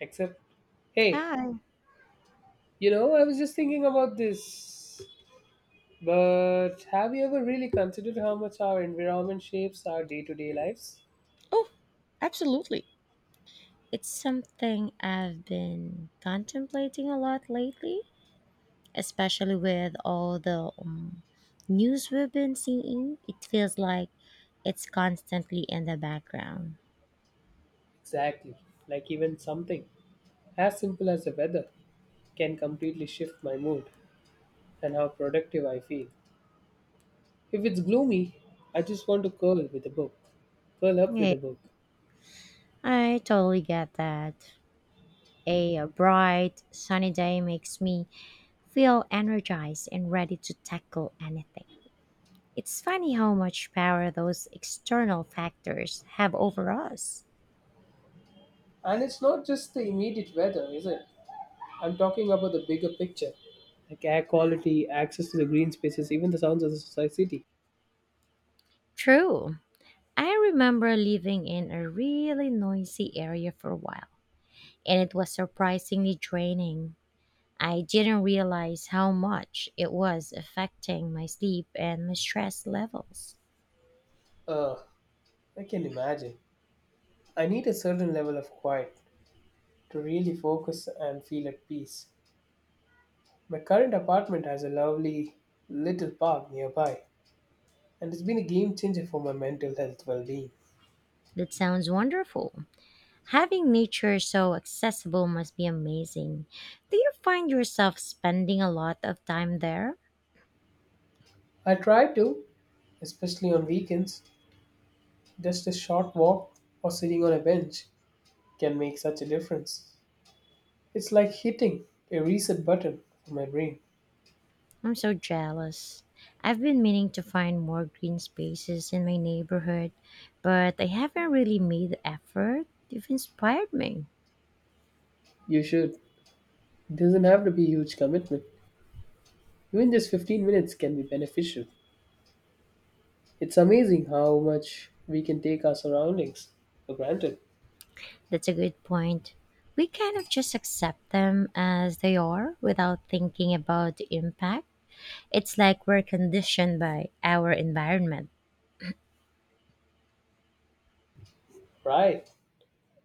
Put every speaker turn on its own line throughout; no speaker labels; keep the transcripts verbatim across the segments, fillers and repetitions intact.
Except, hey,
Hi.
you know, I was just thinking about this. But have you ever really considered how much our environment shapes our day to day lives?
Oh, absolutely. It's something I've been contemplating a lot lately, especially with all the um, news we've been seeing. It feels like it's constantly in the background.
Exactly. Like, even something as simple as the weather can completely shift my mood and how productive I feel. If it's gloomy, I just want to curl with a book, curl up with
Yeah,
a book.
I totally get that. A, uh, bright, sunny day makes me feel energized and ready to tackle anything. It's funny how much power those external factors have over us.
And it's not just the immediate weather, is it? I'm talking about the bigger picture like air quality, access to the green spaces, even the sounds of the society.
True. I remember living in a really noisy area for a while, and it was surprisingly draining. I didn't realize how much it was affecting my sleep and my stress levels.
Uh, I can imagine. I need a certain level of quiet to really focus and feel at peace. My current apartment has a lovely little park nearby, and it's been a game changer for my mental health well being.
That sounds wonderful. Having nature so accessible must be amazing. Do you find yourself spending a lot of time there?
I try to, especially on weekends, just a short walk or sitting on a bench can make such a difference. It's like hitting a reset button for my brain.
I'm so jealous. I've been meaning to find more green spaces in my neighborhood, but I haven't really made the effort. You've inspired me.
You should. It doesn't have to be a huge commitment. Even just fifteen minutes can be beneficial. It's amazing how much we can take our surroundings for granted,
That's a good point. We kind of just accept them as they are without thinking about the impact. It's like we're conditioned by our environment.
right?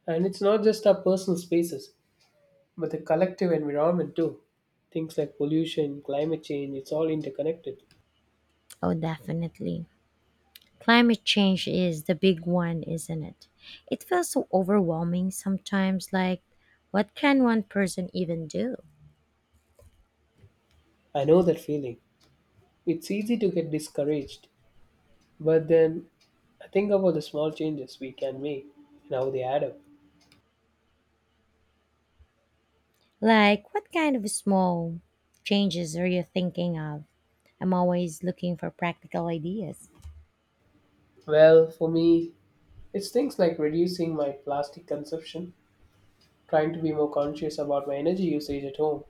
And it's not just our personal spaces, but the collective environment too. Things like pollution, climate change, it's all interconnected.
Oh, definitely. Climate change is the big one, isn't it? It feels so overwhelming sometimes, like, what can one person even do?
I know that feeling. It's easy to get discouraged, but then I think about the small changes we can make and how they add up.
Like, what kind of small changes are you thinking of? I'm always looking for practical ideas.
Well, for me, it's things like reducing my plastic consumption, trying to be more conscious about my energy usage at home,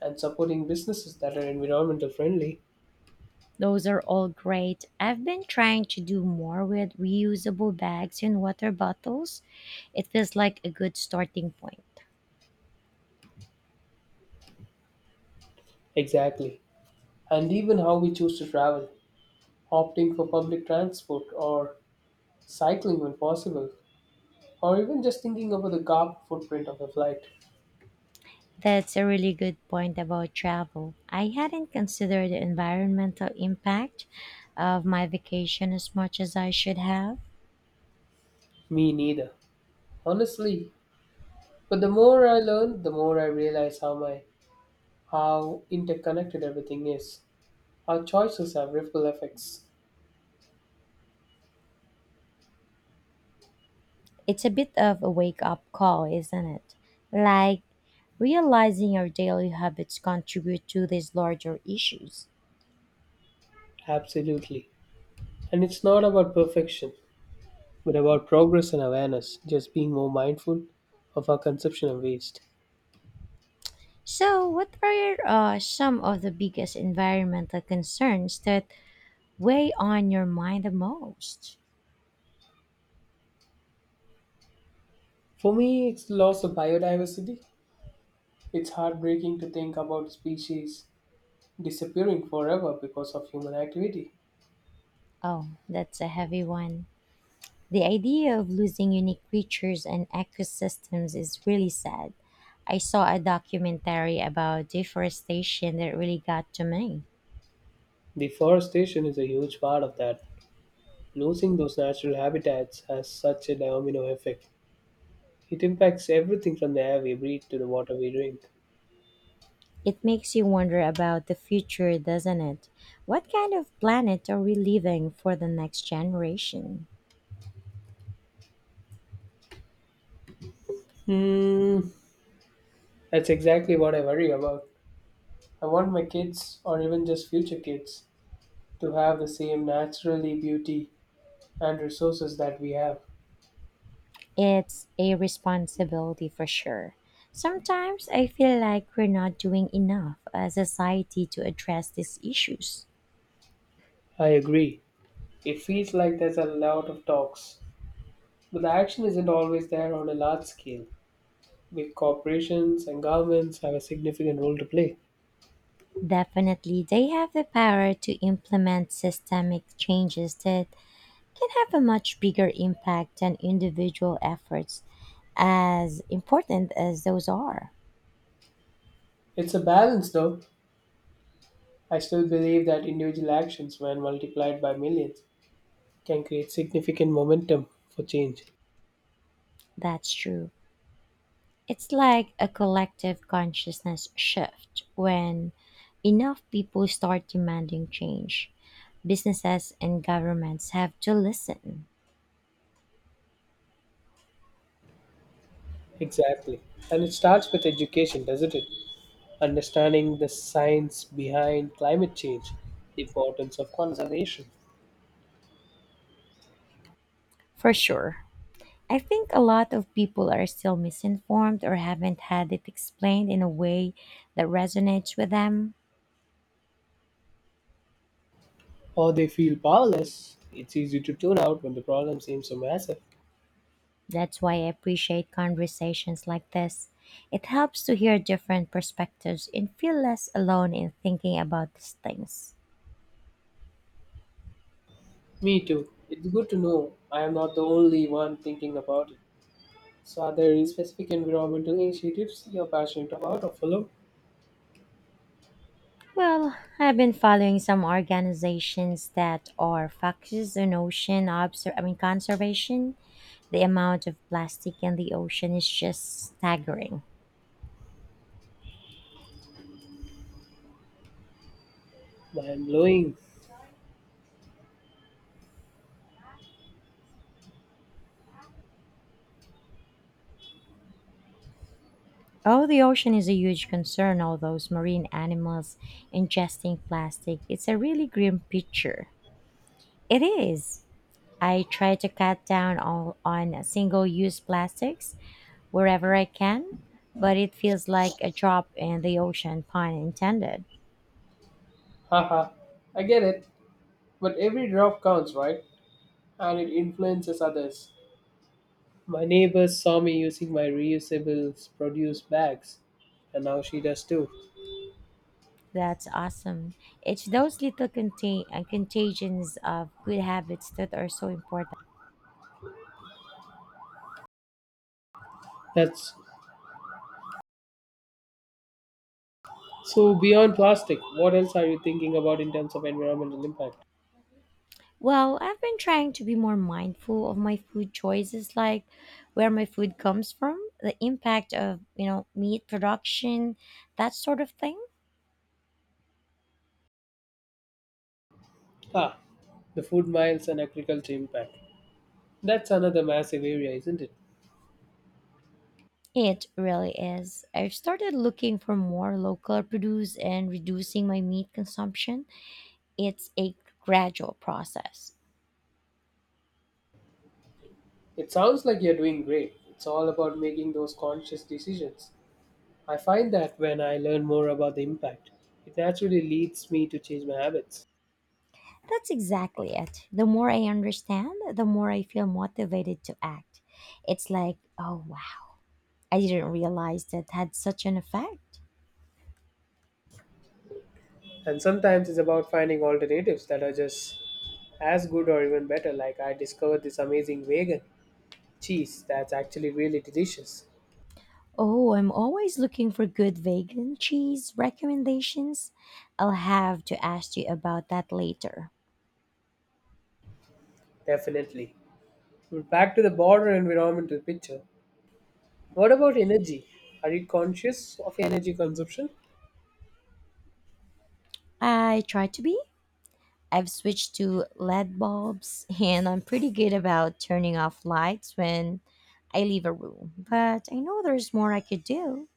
and supporting businesses that are environmental friendly.
Those are all great. I've been trying to do more with reusable bags and water bottles. It feels like a good starting point.
Exactly. And even how we choose to travel, opting for public transport or cycling when possible, or even just thinking about the carbon footprint of a flight.
That's a really good point about travel. I hadn't considered the environmental impact of my vacation as much as I should have.
Me neither. Honestly. But the more I learn, the more I realize how my how interconnected everything is. Our choices have ripple effects.
It's a bit of a wake up call, isn't it? Like, realizing our daily habits contribute to these larger issues.
Absolutely. And it's not about perfection, but about progress and awareness, just being more mindful of our consumption of waste.
So, what are uh, some of the biggest environmental concerns that weigh on your mind the most?
For me, it's loss of biodiversity. It's heartbreaking to think about species disappearing forever because of human activity.
Oh, that's a heavy one. The idea of losing unique creatures and ecosystems is really sad. I saw a documentary about deforestation that really got to me.
Deforestation is a huge part of that. Losing those natural habitats has such a domino effect. It impacts everything from the air we breathe to the water we drink.
It makes you wonder about the future, doesn't it? What kind of planet are we leaving for the next generation?
Hmm, that's exactly what I worry about. I want my kids, or even just future kids, to have the same naturally beauty and resources that we have.
It's a responsibility for sure. Sometimes I feel like we're not doing enough as a society to address these issues.
I agree. It feels like there's a lot of talks, but the action isn't always there on a large scale. Big corporations and governments have a significant role to play.
Definitely, they have the power to implement systemic changes that can have a much bigger impact than individual efforts, as important as those are.
It's a balance, though. I still believe that individual actions, when multiplied by millions, can create significant momentum for change.
That's true. It's like a collective consciousness shift when enough people start demanding change. Businesses and governments have to listen.
Exactly. And it starts with education, doesn't it? Understanding the science behind climate change, the importance of conservation.
For sure. I think a lot of people are still misinformed or haven't had it explained in a way that resonates with them.
Or they feel powerless. It's easy to tune out when the problem seems so massive.
That's why I appreciate conversations like this. It helps to hear different perspectives and feel less alone in thinking about these things.
Me too. It's good to know I am not the only one thinking about it. So, are there any specific environmental initiatives you're passionate about or follow?
Well, I've been following some organizations that are focused on ocean obser- I mean conservation. The amount of plastic in the ocean is just staggering.
Mind blowing.
Oh, the ocean is a huge concern. All those marine animals ingesting plastic. It's a really grim picture. It is. I try to cut down all on single-use plastics wherever I can, but it feels like a drop in the ocean, pun intended.
Haha, I get it. But every drop counts, right? And it influences others. My neighbor saw me using my reusable produce bags, and now she does too.
That's awesome. It's those little contain- uh, contagions of good habits that are so important.
That's so beyond plastic. What else are you thinking about in terms of environmental impact?
Well, I've been trying to be more mindful of my food choices, like where my food comes from, the impact of, you know, meat production, that sort of thing.
Ah, the food miles and agriculture impact. That's another massive area, isn't it?
It really is. I've started looking for more local produce and reducing my meat consumption. It's a gradual process.
It sounds like you're doing great. It's all about making those conscious decisions. I find that when I learn more about the impact, it naturally leads me to change my habits.
That's exactly it. The more I understand, the more I feel motivated to act. It's like, oh wow, I didn't realize that had such an effect.
And sometimes it's about finding alternatives that are just as good or even better. Like I discovered this amazing vegan cheese that's actually really delicious.
Oh, I'm always looking for good vegan cheese recommendations. I'll have to ask you about that later.
Definitely. Back to the broader environmental picture. What about energy? Are you conscious of energy consumption?
I try to be. I've switched to L E D bulbs and I'm pretty good about turning off lights when I leave a room, but I know there's more I could do.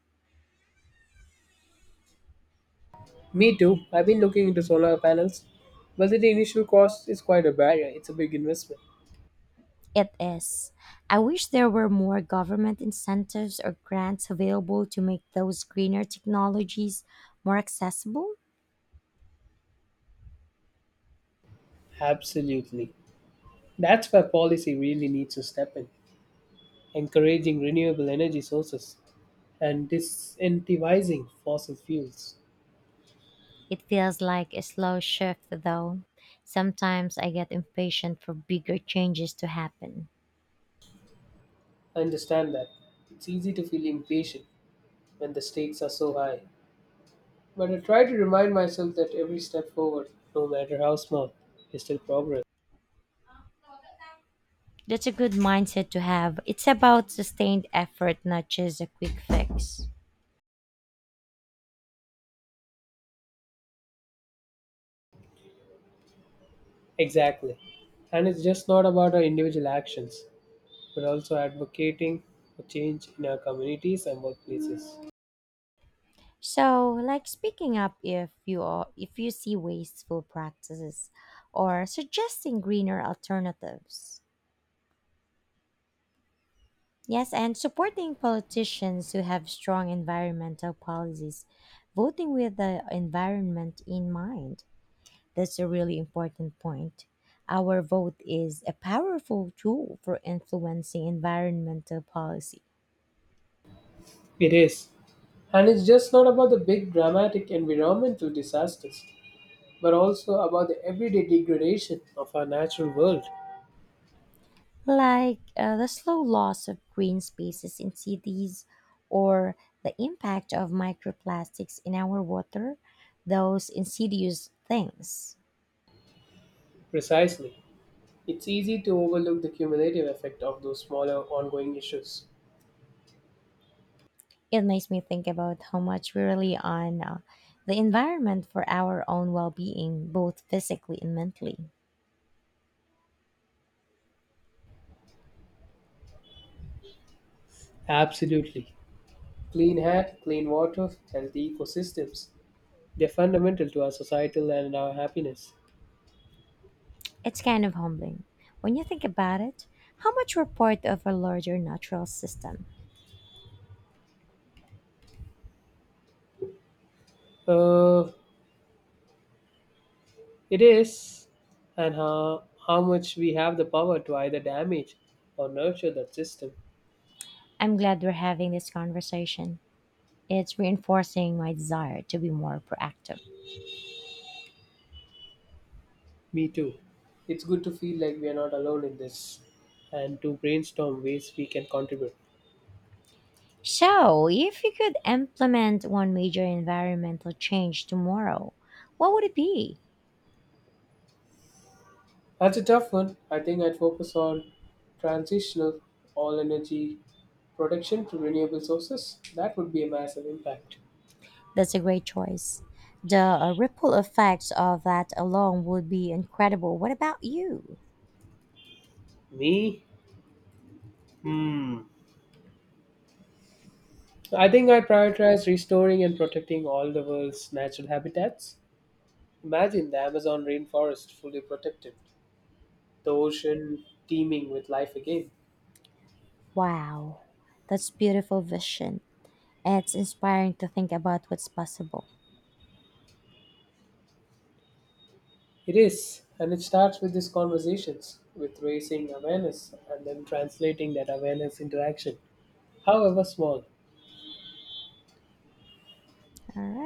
Me too. I've been looking into solar panels, but the initial cost is quite a barrier. It's a big investment.
It is. I wish there were more government incentives or grants available to make those greener technologies more accessible.
Absolutely. That's where policy really needs to step in, encouraging renewable energy sources and disincentivizing fossil fuels.
It feels like a slow shift, though. Sometimes I get impatient for bigger changes to happen.
I understand that. It's easy to feel impatient when the stakes are so high. But I try to remind myself that every step forward, no matter how small, is still progress.
That's a good mindset to have. It's about sustained effort, not just a quick fix.
Exactly. And it's just not about our individual actions, but also advocating for change in our communities and workplaces.
So, like speaking up if you are, if you see wasteful practices or suggesting greener alternatives. Yes, and supporting politicians who have strong environmental policies, voting with the environment in mind. That's a really important point. Our vote is a powerful tool for influencing environmental policy,
It is. And it's just not about the big dramatic environmental disasters, but also about the everyday degradation of our natural world.
like uh, the slow loss of green spaces in cities or the impact of microplastics in our water, those insidious things.
Precisely. It's easy to overlook the cumulative effect of those smaller ongoing issues.
It makes me think about how much we rely on uh, the environment for our own well being, both physically and mentally.
Absolutely. Clean air, clean water, healthy ecosystems. They're fundamental to our societal and our happiness.
It's kind of humbling. When you think about it, how much we're part of a larger natural system.
Uh, It is, and how, how much we have the power to either damage or nurture that system.
I'm glad we're having this conversation. It's reinforcing my desire to be more proactive.
Me too. It's good to feel like we are not alone in this and to brainstorm ways we can contribute.
So, if you could implement one major environmental change tomorrow, what would it be?
That's a tough one. I think I'd focus on transitional all energy production to renewable sources. That would be a massive impact.
That's a great choice. The uh, ripple effects of that alone would be incredible. What about you?
Me? Hmm. I think I prioritize restoring and protecting all the world's natural habitats. Imagine the Amazon rainforest fully protected, the ocean teeming with life again.
Wow, that's beautiful vision. It's inspiring to think about what's possible.
It is, and it starts with these conversations, with raising awareness and then translating that awareness into action, however small.
All right.